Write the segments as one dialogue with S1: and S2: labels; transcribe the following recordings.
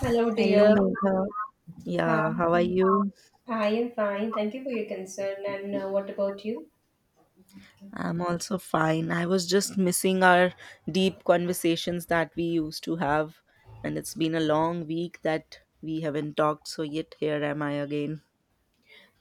S1: Hello,
S2: Hello,
S1: dear.
S2: Megha.
S1: Hi.
S2: Yeah, how are you?
S1: I am fine. Thank you for your concern. And what about you?
S2: I'm also fine. I was just missing our deep conversations that we used to have, and it's been a long week that we haven't talked, so yet here am I again.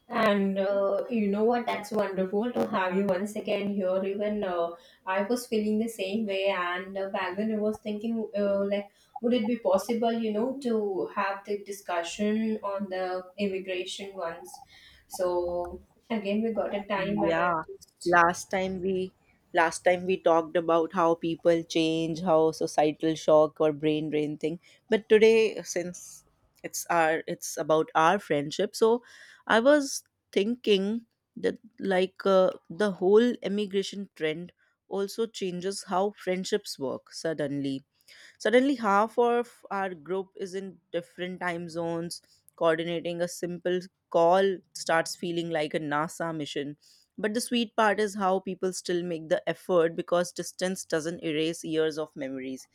S1: And you know what? That's wonderful to have you once again here. Even I was feeling the same way. And back then, I was thinking, like, would it be possible, you know, to have the discussion on the immigration once? So again, we got a time, and
S2: Yeah,
S1: I'm—
S2: last time we last time we talked about how people change, how societal shock or brain drain thing. But today, since it's about our friendship, so I was thinking that the whole immigration trend also changes how friendships work Suddenly, half of our group is in different time zones. Coordinating a simple call starts feeling like a NASA mission. But the sweet part is how people still make the effort because distance doesn't erase years of memories.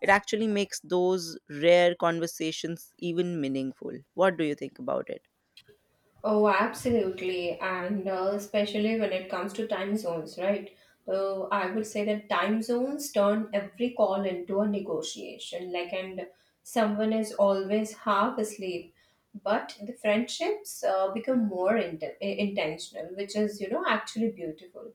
S2: It actually makes those rare conversations even meaningful. What do you think about it?
S1: Oh, absolutely. And especially when it comes to time zones, right? So I would say that time zones turn every call into a negotiation. Like, and someone is always half asleep. But the friendships become more intentional, which is, you know, actually beautiful.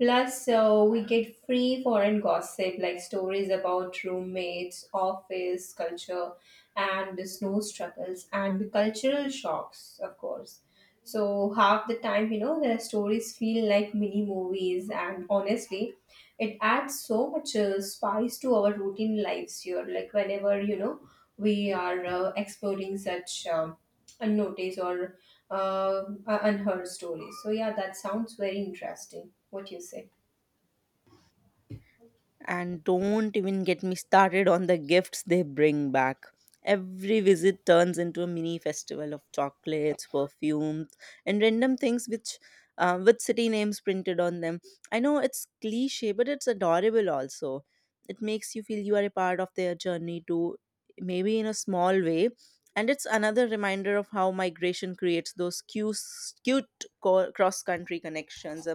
S1: Plus, we get free foreign gossip, like stories about roommates, office, culture, and the snow struggles, and the cultural shocks, of course. So half the time, you know, their stories feel like mini movies, and honestly, it adds so much spice to our routine lives here. Like whenever you know we are exploring such unnoticed or unheard stories. So yeah, that sounds very interesting. What you say?
S2: And don't even get me started on the gifts they bring back. Every visit turns into a mini festival of chocolates, perfumes, and random things which with city names printed on them. I know it's cliche, but it's adorable also. It makes you feel you are a part of their journey too, maybe in a small way. And it's another reminder of how migration creates those cute cross country connections.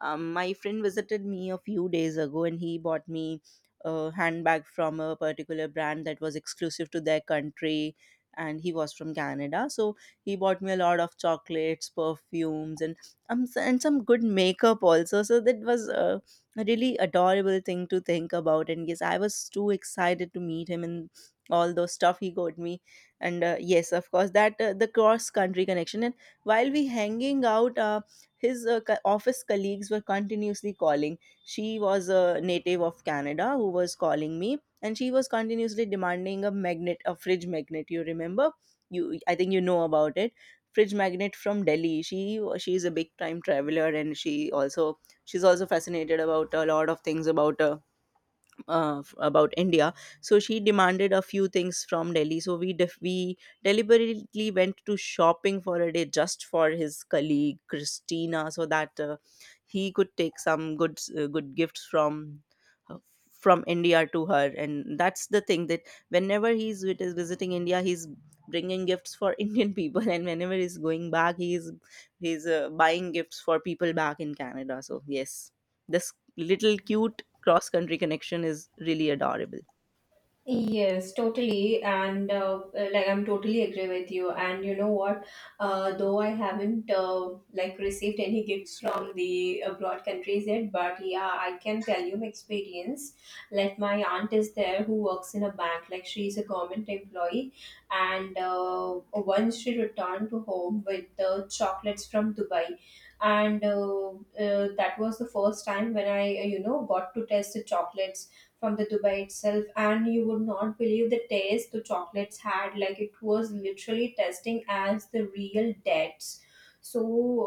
S2: My friend visited me a few days ago and he bought me a handbag from a particular brand that was exclusive to their country, and he was from Canada. So he bought me a lot of chocolates, perfumes, and and some good makeup also. So that was a really adorable thing to think about, and yes, I was too excited to meet him and all those stuff he got me. And yes, of course, that the cross country connection. And while we hanging out, his office colleagues were continuously calling. She was a native of Canada who was calling me, and she was continuously demanding a magnet, a fridge magnet. You remember? I think you know about it. Fridge magnet from Delhi. She is a big time traveler, and she also she's also fascinated about a lot of things about about India. So she demanded a few things from Delhi. So we deliberately went to shopping for a day just for his colleague Christina, so that he could take some good good gifts uh, from India to her. And that's the thing that whenever is visiting India, he's bringing gifts for Indian people, and whenever he's going back, he's buying gifts for people back in Canada. So yes. This little cute cross country connection is really adorable.
S1: Yes, totally, and like I'm totally agree with you. And you know what? Though I haven't like received any gifts from the abroad countries yet, but yeah, I can tell you my experience. Like my aunt is there who works in a bank. Like she's a government employee, and once she returned to home with the chocolates from Dubai, and that was the first time when I you know got to taste the chocolates from the Dubai itself, and you would not believe the taste the chocolates had. Like it was literally tasting as the real dates. So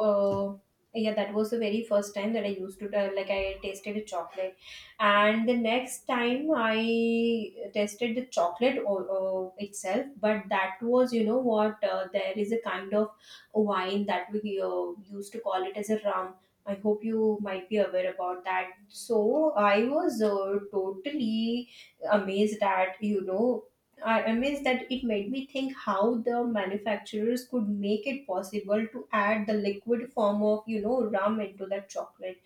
S1: uh, yeah, that was the very first time that I used to like I tasted a chocolate, and the next time I tasted the chocolate itself. But that was you know what there is a kind of wine that we used to call it as a rum. I hope you might be aware about that. So I was totally amazed at, you know, I amazed that it made me think how the manufacturers could make it possible to add the liquid form of, you know, rum into that chocolate,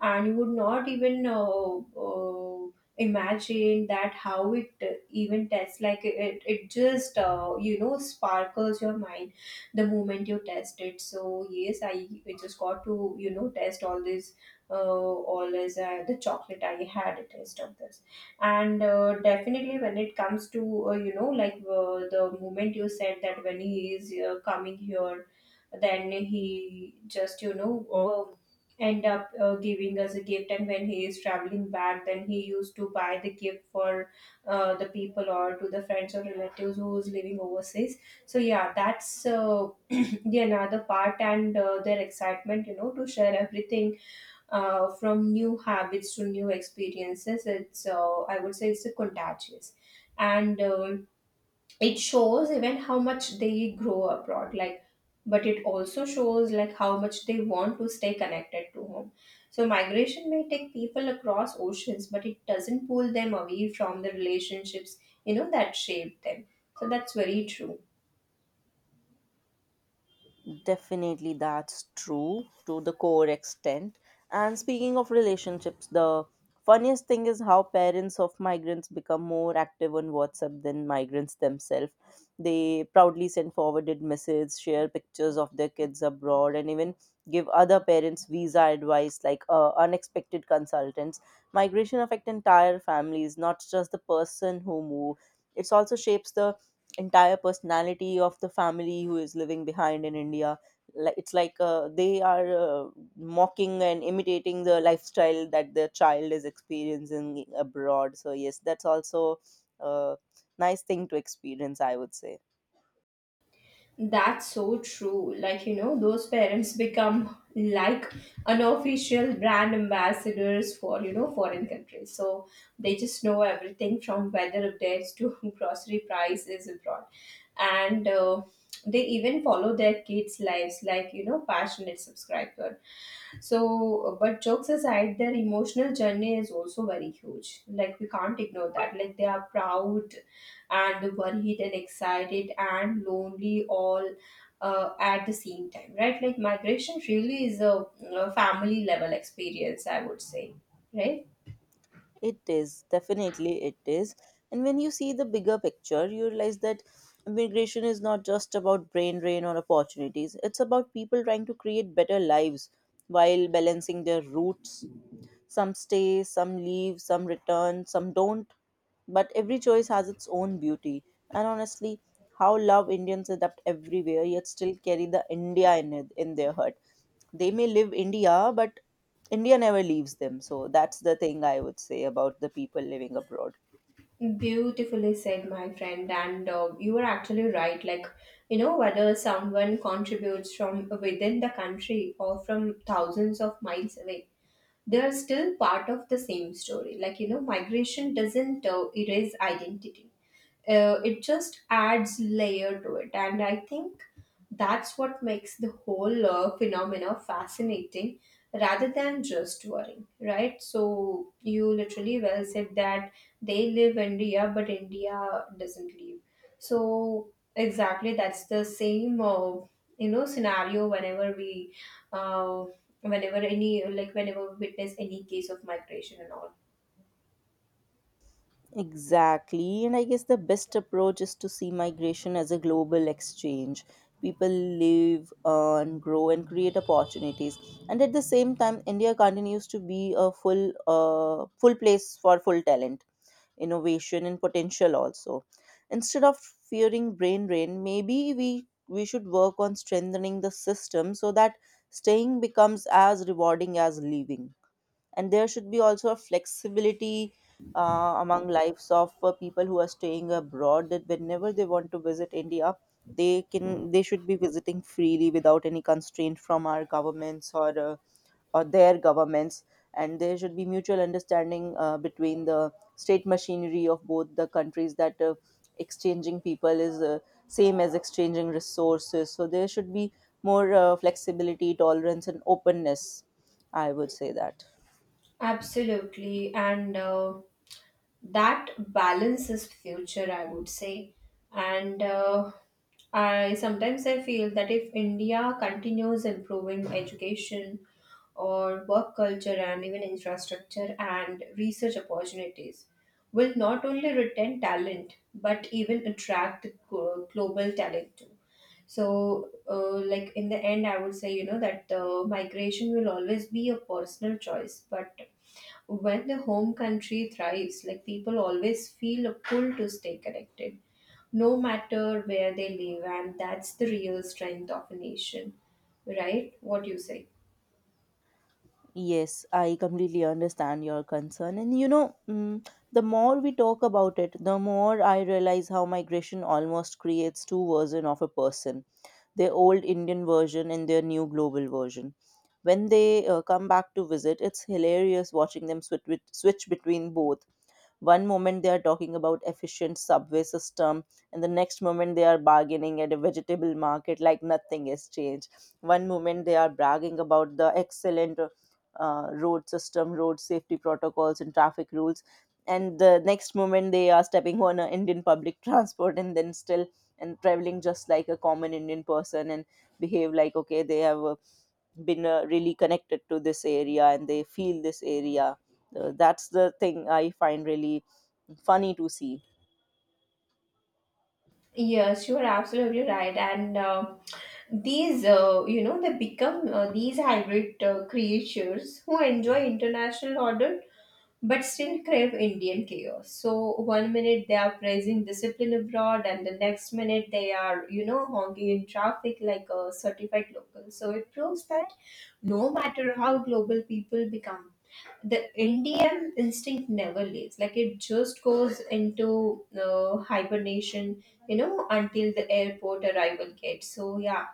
S1: and you would not even imagine that how it even tests like it just you know sparkles your mind the moment you test it. So yes, I just got to you know test all this the chocolate I had a taste of this. And definitely when it comes to you know like the moment you said that when he is coming here, then he just you know end up giving us a gift, and when he is traveling back, then he used to buy the gift for the people or to the friends or relatives who is living overseas. So yeah, that's the another part, and their excitement you know to share everything from new habits to new experiences. It's I would say it's a contagious, and it shows even how much they grow abroad like, but it also shows like how much they want to stay connected to home. So migration may take people across oceans, but it doesn't pull them away from the relationships you know that shape them. So that's very true.
S2: Definitely, that's true to the core extent. And speaking of relationships, the funniest thing is how parents of migrants become more active on WhatsApp than migrants themselves. They proudly send forwarded messages, share pictures of their kids abroad, and even give other parents visa advice, like unexpected consultants. Migration affect entire families, not just the person who move. It also shapes the entire personality of the family who is living behind in India. Like it's like they are mocking and imitating the lifestyle that their child is experiencing abroad. So yes, that's also a nice thing to experience, I would say.
S1: That's so true. Like, you know, those parents become like unofficial brand ambassadors for, you know, foreign countries. So they just know everything from weather updates to grocery prices abroad. And they even follow their kids' lives like, you know, passionate subscriber. So, but jokes aside, their emotional journey is also very huge. Like, we can't ignore that. Like, they are proud and worried and excited and lonely all at the same time, right? Like migration really is a family level experience, I would say. Right.
S2: It is, definitely it is. And when you see the bigger picture, you realize that immigration is not just about brain drain or opportunities, it's about people trying to create better lives while balancing their roots. Some stay, some leave, some return, some don't. But every choice has its own beauty. And honestly, how love Indians adapt everywhere, yet still carry the India in, it, in their heart. They may live India, but India never leaves them. So that's the thing I would say about the people living abroad.
S1: Beautifully said, my friend, and you are actually right. Like you know whether someone contributes from within the country or from thousands of miles away, they are still part of the same story. Like, you know, migration doesn't erase identity, it just adds layer to it. And I think that's what makes the whole phenomena fascinating rather than just worrying, right? So, you literally well said that they live India, but India doesn't live. So, exactly, that's the same. You know scenario whenever we uh, whenever any like whenever we witness any case of migration and all.
S2: Exactly. And I guess the best approach is to see migration as a global exchange. People live, earn, grow, and create opportunities. And at the same time, India continues to be a full, full place for full talent, innovation, and potential also. Instead of fearing brain drain, maybe we should work on strengthening the system so that staying becomes as rewarding as leaving, and there should be also a flexibility among lives of people who are staying abroad, that whenever they want to visit India, they can, they should be visiting freely without any constraint from our governments or their governments. And there should be mutual understanding between the state machinery of both the countries, that exchanging people is same as exchanging resources. So there should be more flexibility, tolerance, and openness, I would say that.
S1: Absolutely, and that balances future, I would say. And I sometimes I feel that if India continues improving education or work culture and even infrastructure and research opportunities, will not only retain talent but even attract global talent. So, like in the end, I would say, you know, that migration will always be a personal choice. But when the home country thrives, like people always feel a pull to stay connected, no matter where they live. And that's the real strength of a nation, right? What do you say?
S2: Yes, I completely understand your concern. And you know, the more we talk about it, the more I realize how migration almost creates two versions of a person, their old Indian version and their new global version. When they come back to visit, it's hilarious watching them switch between both. One moment they are talking about efficient subway system, and the next moment they are bargaining at a vegetable market like nothing has changed. One moment they are bragging about the excellent road system, road safety protocols, and traffic rules, and the next moment they are stepping on an Indian public transport, and then still and traveling just like a common Indian person, and behave like, okay, they have a been really connected to this area and they feel this area. That's the thing I find really funny to see.
S1: Yes, you are absolutely right. And these, you know, they become these hybrid creatures who enjoy international order but still crave Indian chaos. So one minute they are praising discipline abroad, and the next minute they are, you know, honking in traffic like a certified local. So it proves that no matter how global people become, the Indian instinct never leaves. Like it just goes into hibernation you know until the airport arrival gate. So yeah,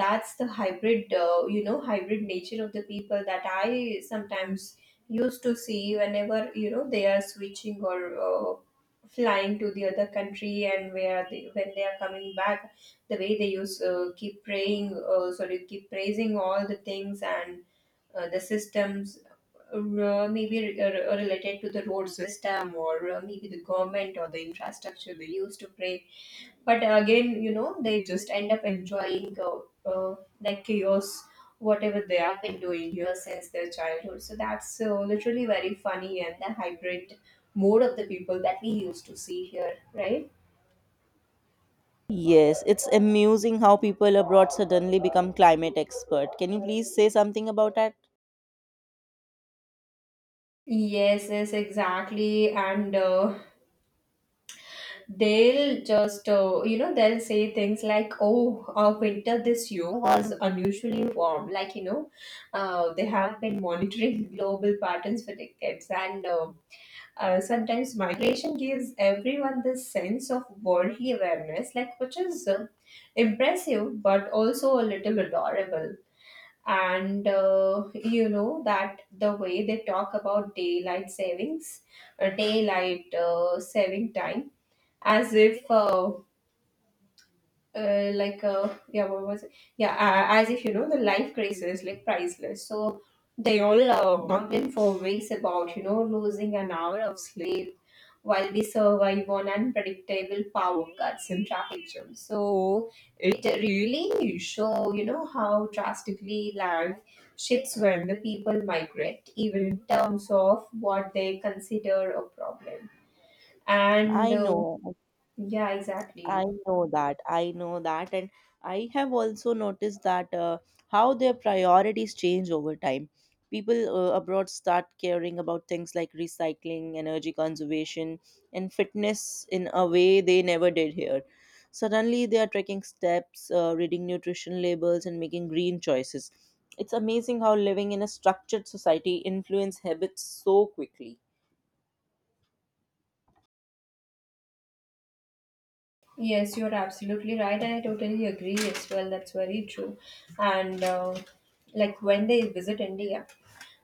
S1: that's the hybrid you know hybrid nature of the people that I sometimes used to see whenever you know they are switching or flying to the other country, and where they, when they are coming back, the way they use keep praying, sorry, keep praising all the things and the systems maybe related to the road system or maybe the government or the infrastructure they used to pray. But again, you know, they just end up enjoying uh, that chaos, whatever they have been doing here since their childhood. So that's literally very funny, and the hybrid mode of the people that we used to see here, right?
S2: Yes, it's amusing how people abroad suddenly become climate expert. Can you please say something about that?
S1: Yes, yes, exactly. And they'll just you know they'll say things like, oh, our winter this year was unusually warm, like you know they have been monitoring global patterns for decades, and sometimes migration gives everyone this sense of worldly awareness like which is impressive but also a little adorable. And you know that the way they talk about daylight savings, daylight saving time, as if like yeah what was it, yeah, as if you know the life crisis like priceless. So they all bump in for weeks about you know losing an hour of sleep while we survive on unpredictable power cuts and traffic jams. So it really show you know how drastically land shifts when the people migrate, even in terms of what they consider a problem. And
S2: I know.
S1: Yeah,
S2: I
S1: exactly.
S2: know that. I know that. And I have also noticed that how their priorities change over time. People abroad start caring about things like recycling, energy conservation, and fitness in a way they never did here. Suddenly, they are tracking steps, reading nutrition labels, and making green choices. It's amazing how living in a structured society influence habits so quickly.
S1: Yes, you're absolutely right, and I totally agree as well. That's very true. And like when they visit India,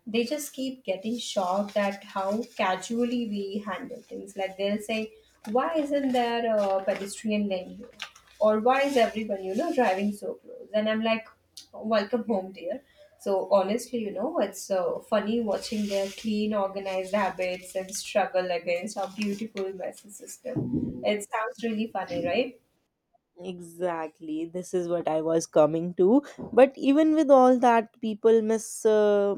S1: they just keep getting shocked at how casually we handle things. Like they'll say, why isn't there a pedestrian lane here? Or why is everyone, you know, driving so close? And I'm like, welcome home, dear. So honestly, you know, it's funny watching their clean, organized habits and struggle against our beautiful messy system. It sounds really funny, right?
S2: Exactly. This is what I was coming to. But even with all that, people miss, uh,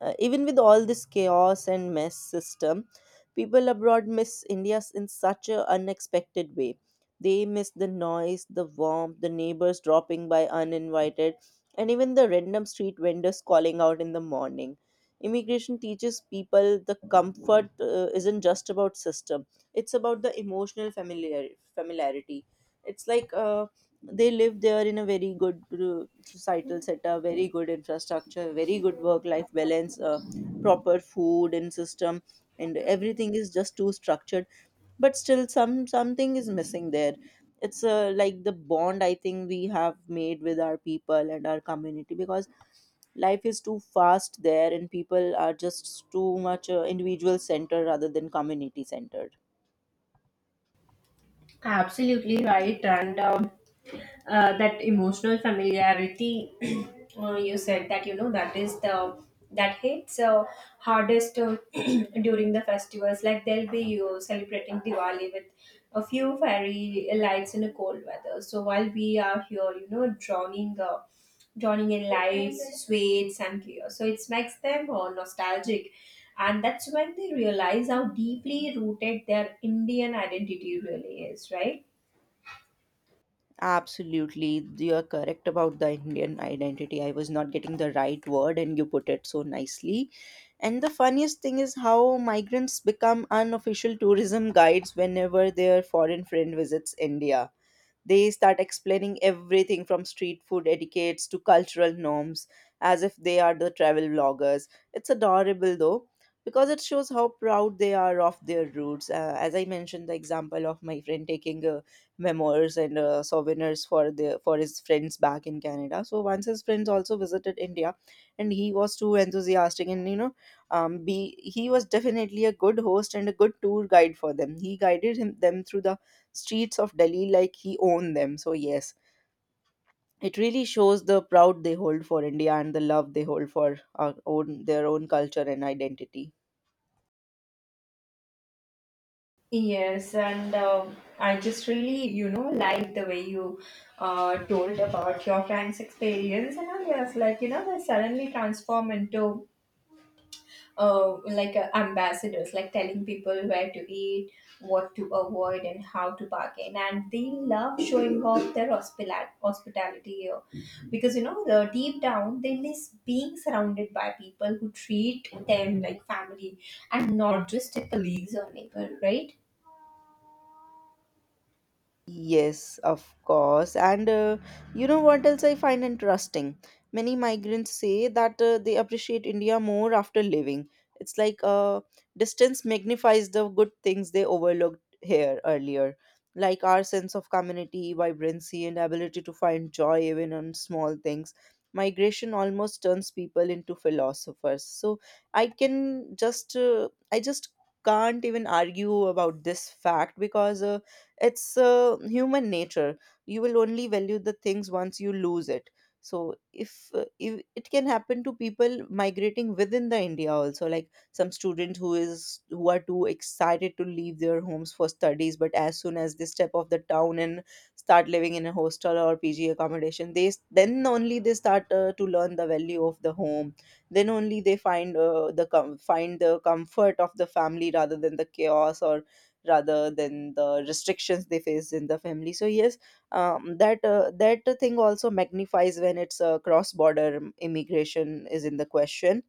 S2: uh, even with all this chaos and mess system, people abroad miss India in such an unexpected way. They miss the noise, the warmth, the neighbors dropping by uninvited, and even the random street vendors calling out in the morning. Immigration teaches people the comfort isn't just about system; it's about the emotional familiarity. It's like they live there in a very good societal setup, very good infrastructure, very good work life balance, proper food and system, and everything is just too structured. But still something is missing there. It's like the bond, I think, we have made with our people and our community, because life is too fast there and people are just too much individual centered rather than community centered.
S1: Absolutely right, and that emotional familiarity you said that you know that is the that hits hardest during the festivals. Like they'll be you celebrating Diwali with a few fairy lights in a cold weather. So while we are here, you know, drowning. Joining in lights, sweets, and chaos. So it makes them nostalgic, and that's when they realize how deeply rooted their Indian identity really is, right?
S2: Absolutely, you are correct about the Indian identity. I was not getting the right word, and you put it so nicely. And the funniest thing is how migrants become unofficial tourism guides whenever their foreign friend visits India. They start explaining everything from street food etiquettes to cultural norms as if they are the travel vloggers. It's adorable though, because it shows how proud they are of their roots. As I mentioned, the example of my friend taking memoirs and souvenirs for the for his friends back in Canada. So once his friends also visited India, and he was too enthusiastic, and you know, be he was definitely a good host and a good tour guide for them. He guided him them through the streets of Delhi like he owned them. So, yes, it really shows the proud they hold for India and the love they hold for their own culture and identity.
S1: Yes, and I just really, you know, like the way you told about your friend's experience, and I was like, you know, they suddenly transform into like ambassadors, like telling people where to eat, what to avoid, and how to bargain. And they love showing off their hospitality here because you know the deep down they miss being surrounded by people who treat them like family and not just their colleagues or neighbor, right?
S2: Yes, of course. And you know what else I find interesting? Many migrants say that they appreciate India more after living. It's like distance magnifies the good things they overlooked here earlier, like our sense of community, vibrancy, and ability to find joy even on small things. Migration almost turns people into philosophers. So I just can't even argue about this fact because. It's human nature. You will only value the things once you lose it. So if it can happen to people migrating within the india also, like some students who are too excited to leave their homes for studies, but as soon as they step off the town and start living in a hostel or pg accommodation then only they start to learn the value of the home, then only they find find the comfort of the family rather than the chaos or rather than the restrictions they face in the family. So yes, that thing also magnifies when it's cross border immigration is in the question.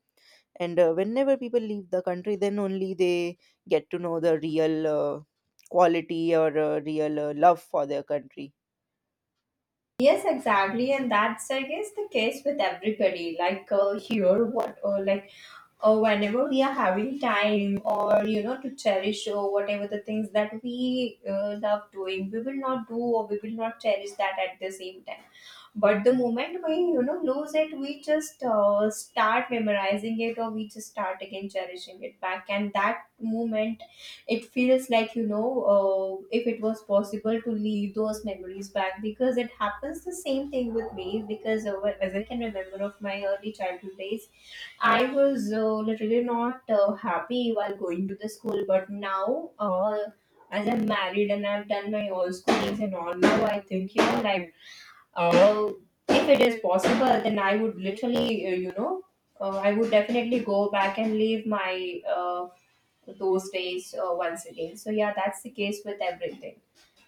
S2: And whenever people leave the country, then only they get to know the real quality or real love for their country.
S1: Yes, exactly, and that's I guess the case with everybody. Like here, what or whenever we are having time, or to cherish or whatever the things that we love doing, we will not do or we will not cherish that at the same time. But the moment we, lose it, we just start memorizing it or we just start again cherishing it back. And that moment, it feels like if it was possible to leave those memories back because it happens the same thing with me because as I can remember of my early childhood days, I was literally not happy while going to the school. But now, as I'm married and I've done my all schoolings and all, now I think, life uh, if it is possible then I would literally I would definitely go back and live my those days once again. So yeah, that's the case with everything.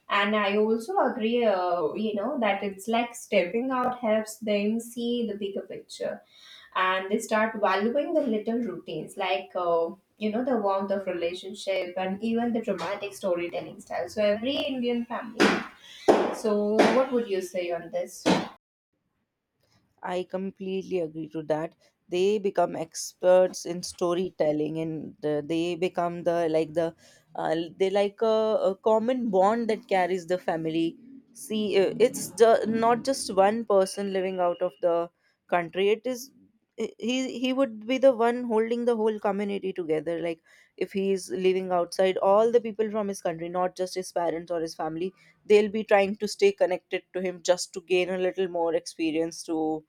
S1: And I also agree that it's like stepping out helps them see the bigger picture, and they start valuing the little routines, like the warmth of relationship and even the dramatic storytelling style. So every Indian family, so what would you say on this?
S2: I completely agree to that. They become experts in storytelling, and they become the like the uh, they like a, a common bond that carries the family. See, it's not just one person living out of the country. It is he would be the one holding the whole community together. Like if he is living outside, all the people from his country, not just his parents or his family, they'll be trying to stay connected to him just to gain a little more experience to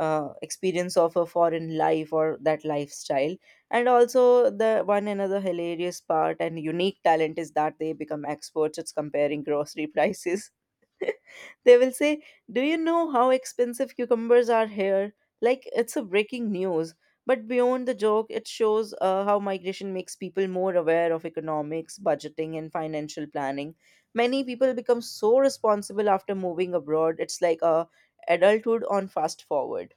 S2: experience of a foreign life or that lifestyle. And also the one another hilarious part and unique talent is that they become experts at comparing grocery prices. They will say, do you know how expensive cucumbers are here? Like it's a breaking news. But beyond the joke, it shows how migration makes people more aware of economics, budgeting, and financial planning. Many people become so responsible after moving abroad. It's like a adulthood on fast forward.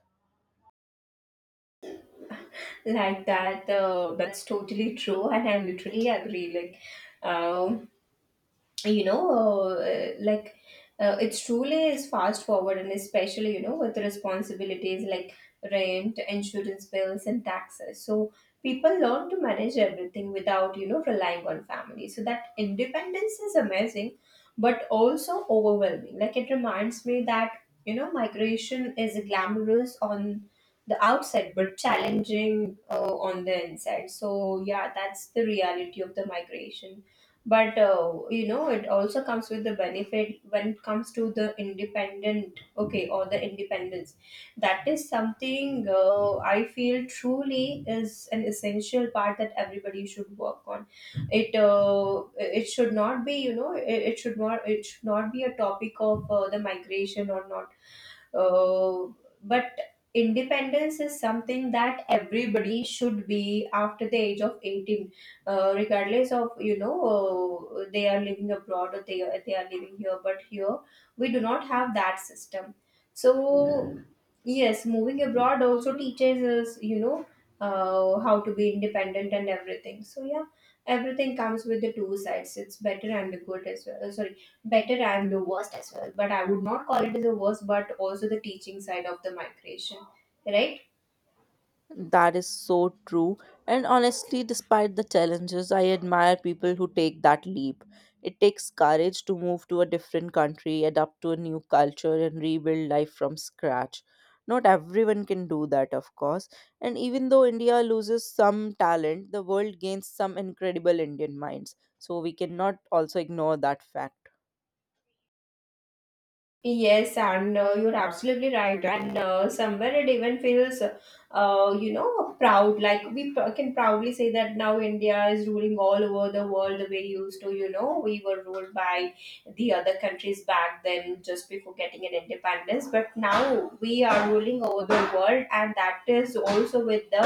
S1: Like that's totally true, and I literally agree. Like you know, uh, like it's truly is fast forward, and especially, you know, with responsibilities like rent, insurance bills, and taxes. So people learn to manage everything without, you know, relying on family. So that independence is amazing, but also overwhelming. Like, it reminds me that, you know, migration is glamorous on the outside but challenging on the inside. So yeah, that's the reality of the migration. But you know, it also comes with the benefit when it comes to the independent, okay, or the independence. That is something I feel truly is an essential part that everybody should work on it. It should not be, you know, it should not, it should not be a topic of the migration or not. uh, but independence is something that everybody should be after the age of 18, regardless of, you know, they are living abroad or they are living here. But here we do not have that system. So yes, moving abroad also teaches us, how to be independent and everything. So yeah, everything comes with the two sides. It's better and the good as well. Sorry, better and the worst as well. But I would not call it as the worst, but also the teaching side of the migration, right?
S2: That is so true. And honestly, despite the challenges, I admire people who take that leap. It takes courage to move to a different country, adapt to a new culture, and rebuild life from scratch. Not everyone can do that, of course. And even though India loses some talent, the world gains some incredible Indian minds. So we cannot also ignore that fact.
S1: Yes, and you're absolutely right. And somewhere it even feels, proud. Like, can proudly say that now India is ruling all over the world the way we used to, you know, we were ruled by the other countries back then just before getting an independence. But now we are ruling over the world, and that is also with the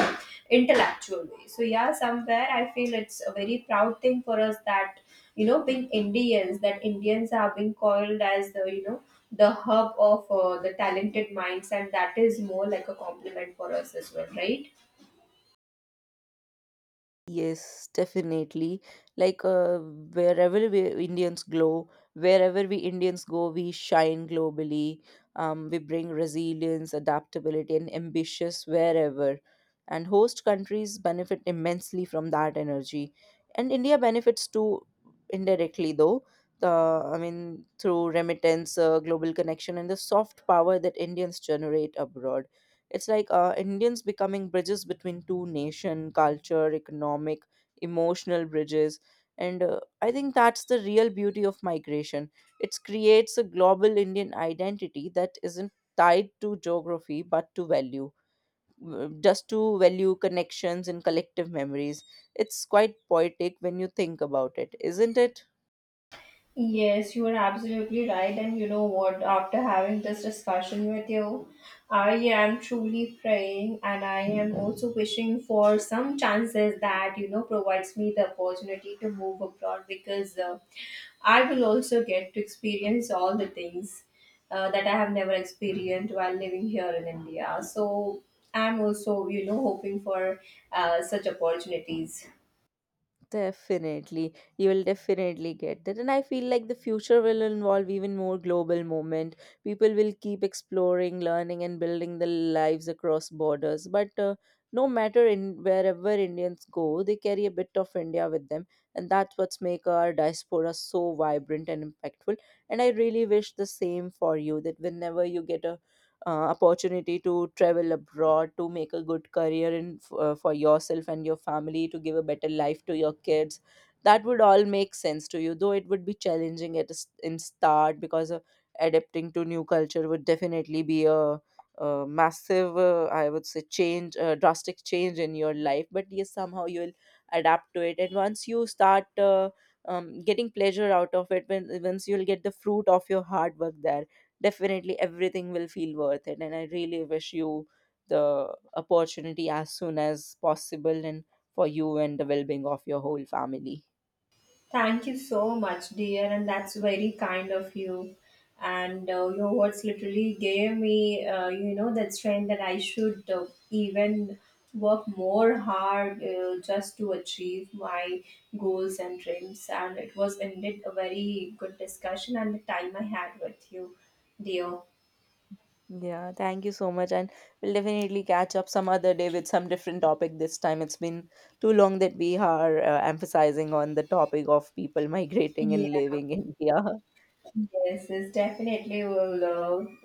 S1: intellectual way. So, yeah, somewhere I feel it's a very proud thing for us that. You know, being Indians, that Indians are being called as the, the hub of the talented minds, and that is more like a compliment for us as well, right?
S2: Yes, definitely. Like wherever we Indians go, we shine globally. We bring resilience, adaptability, and ambitious wherever. And host countries benefit immensely from that energy. And India benefits too, indirectly, though. The I mean, through remittance, global connection, and the soft power that Indians generate abroad. It's like Indians becoming bridges between two nation, culture, economic, emotional bridges. And I think that's the real beauty of migration. It creates a global Indian identity that isn't tied to geography but to value, just to value connections and collective memories. It's quite poetic when you think about it, isn't it?
S1: Yes, you are absolutely right. And you know what? After having this discussion with you, I am truly praying and I am also wishing for some chances that, you know, provides me the opportunity to move abroad, because I will also get to experience all the things that I have never experienced while living here in India. So I'm also, you know, hoping for such opportunities.
S2: Definitely, you will definitely get that. And I feel like the future will involve even more global movement. People will keep exploring, learning, and building their lives across borders. But no matter in wherever Indians go, they carry a bit of India with them, and that's what's make our diaspora so vibrant and impactful. And I really wish the same for you. That whenever you get a uh, opportunity to travel abroad to make a good career for yourself and your family, to give a better life to your kids, that would all make sense to you, though it would be challenging at a s in start, because adapting to new culture would definitely be a massive, I would say, change, drastic change in your life. But yes, somehow you will adapt to it, and once you start getting pleasure out of it, when once you'll get the fruit of your hard work there, definitely everything will feel worth it. And I really wish you the opportunity as soon as possible, and for you and the well being of your whole family.
S1: Thank you so much, dear, and that's very kind of you. And your words literally gave me, that strength, that I should even work more hard just to achieve my goals and dreams. And it was indeed a very good discussion and the time I had with you, dear.
S2: Yeah, thank you so much. And we'll definitely catch up some other day with some different topic this time. It's been too long that we are emphasizing on the topic of people migrating
S1: Yeah.
S2: and living in India.
S1: Yes, yes, definitely. We'll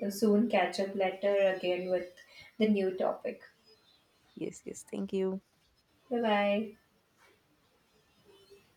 S1: soon catch up later again with the new topic.
S2: Yes, yes. Thank you.
S1: Bye bye.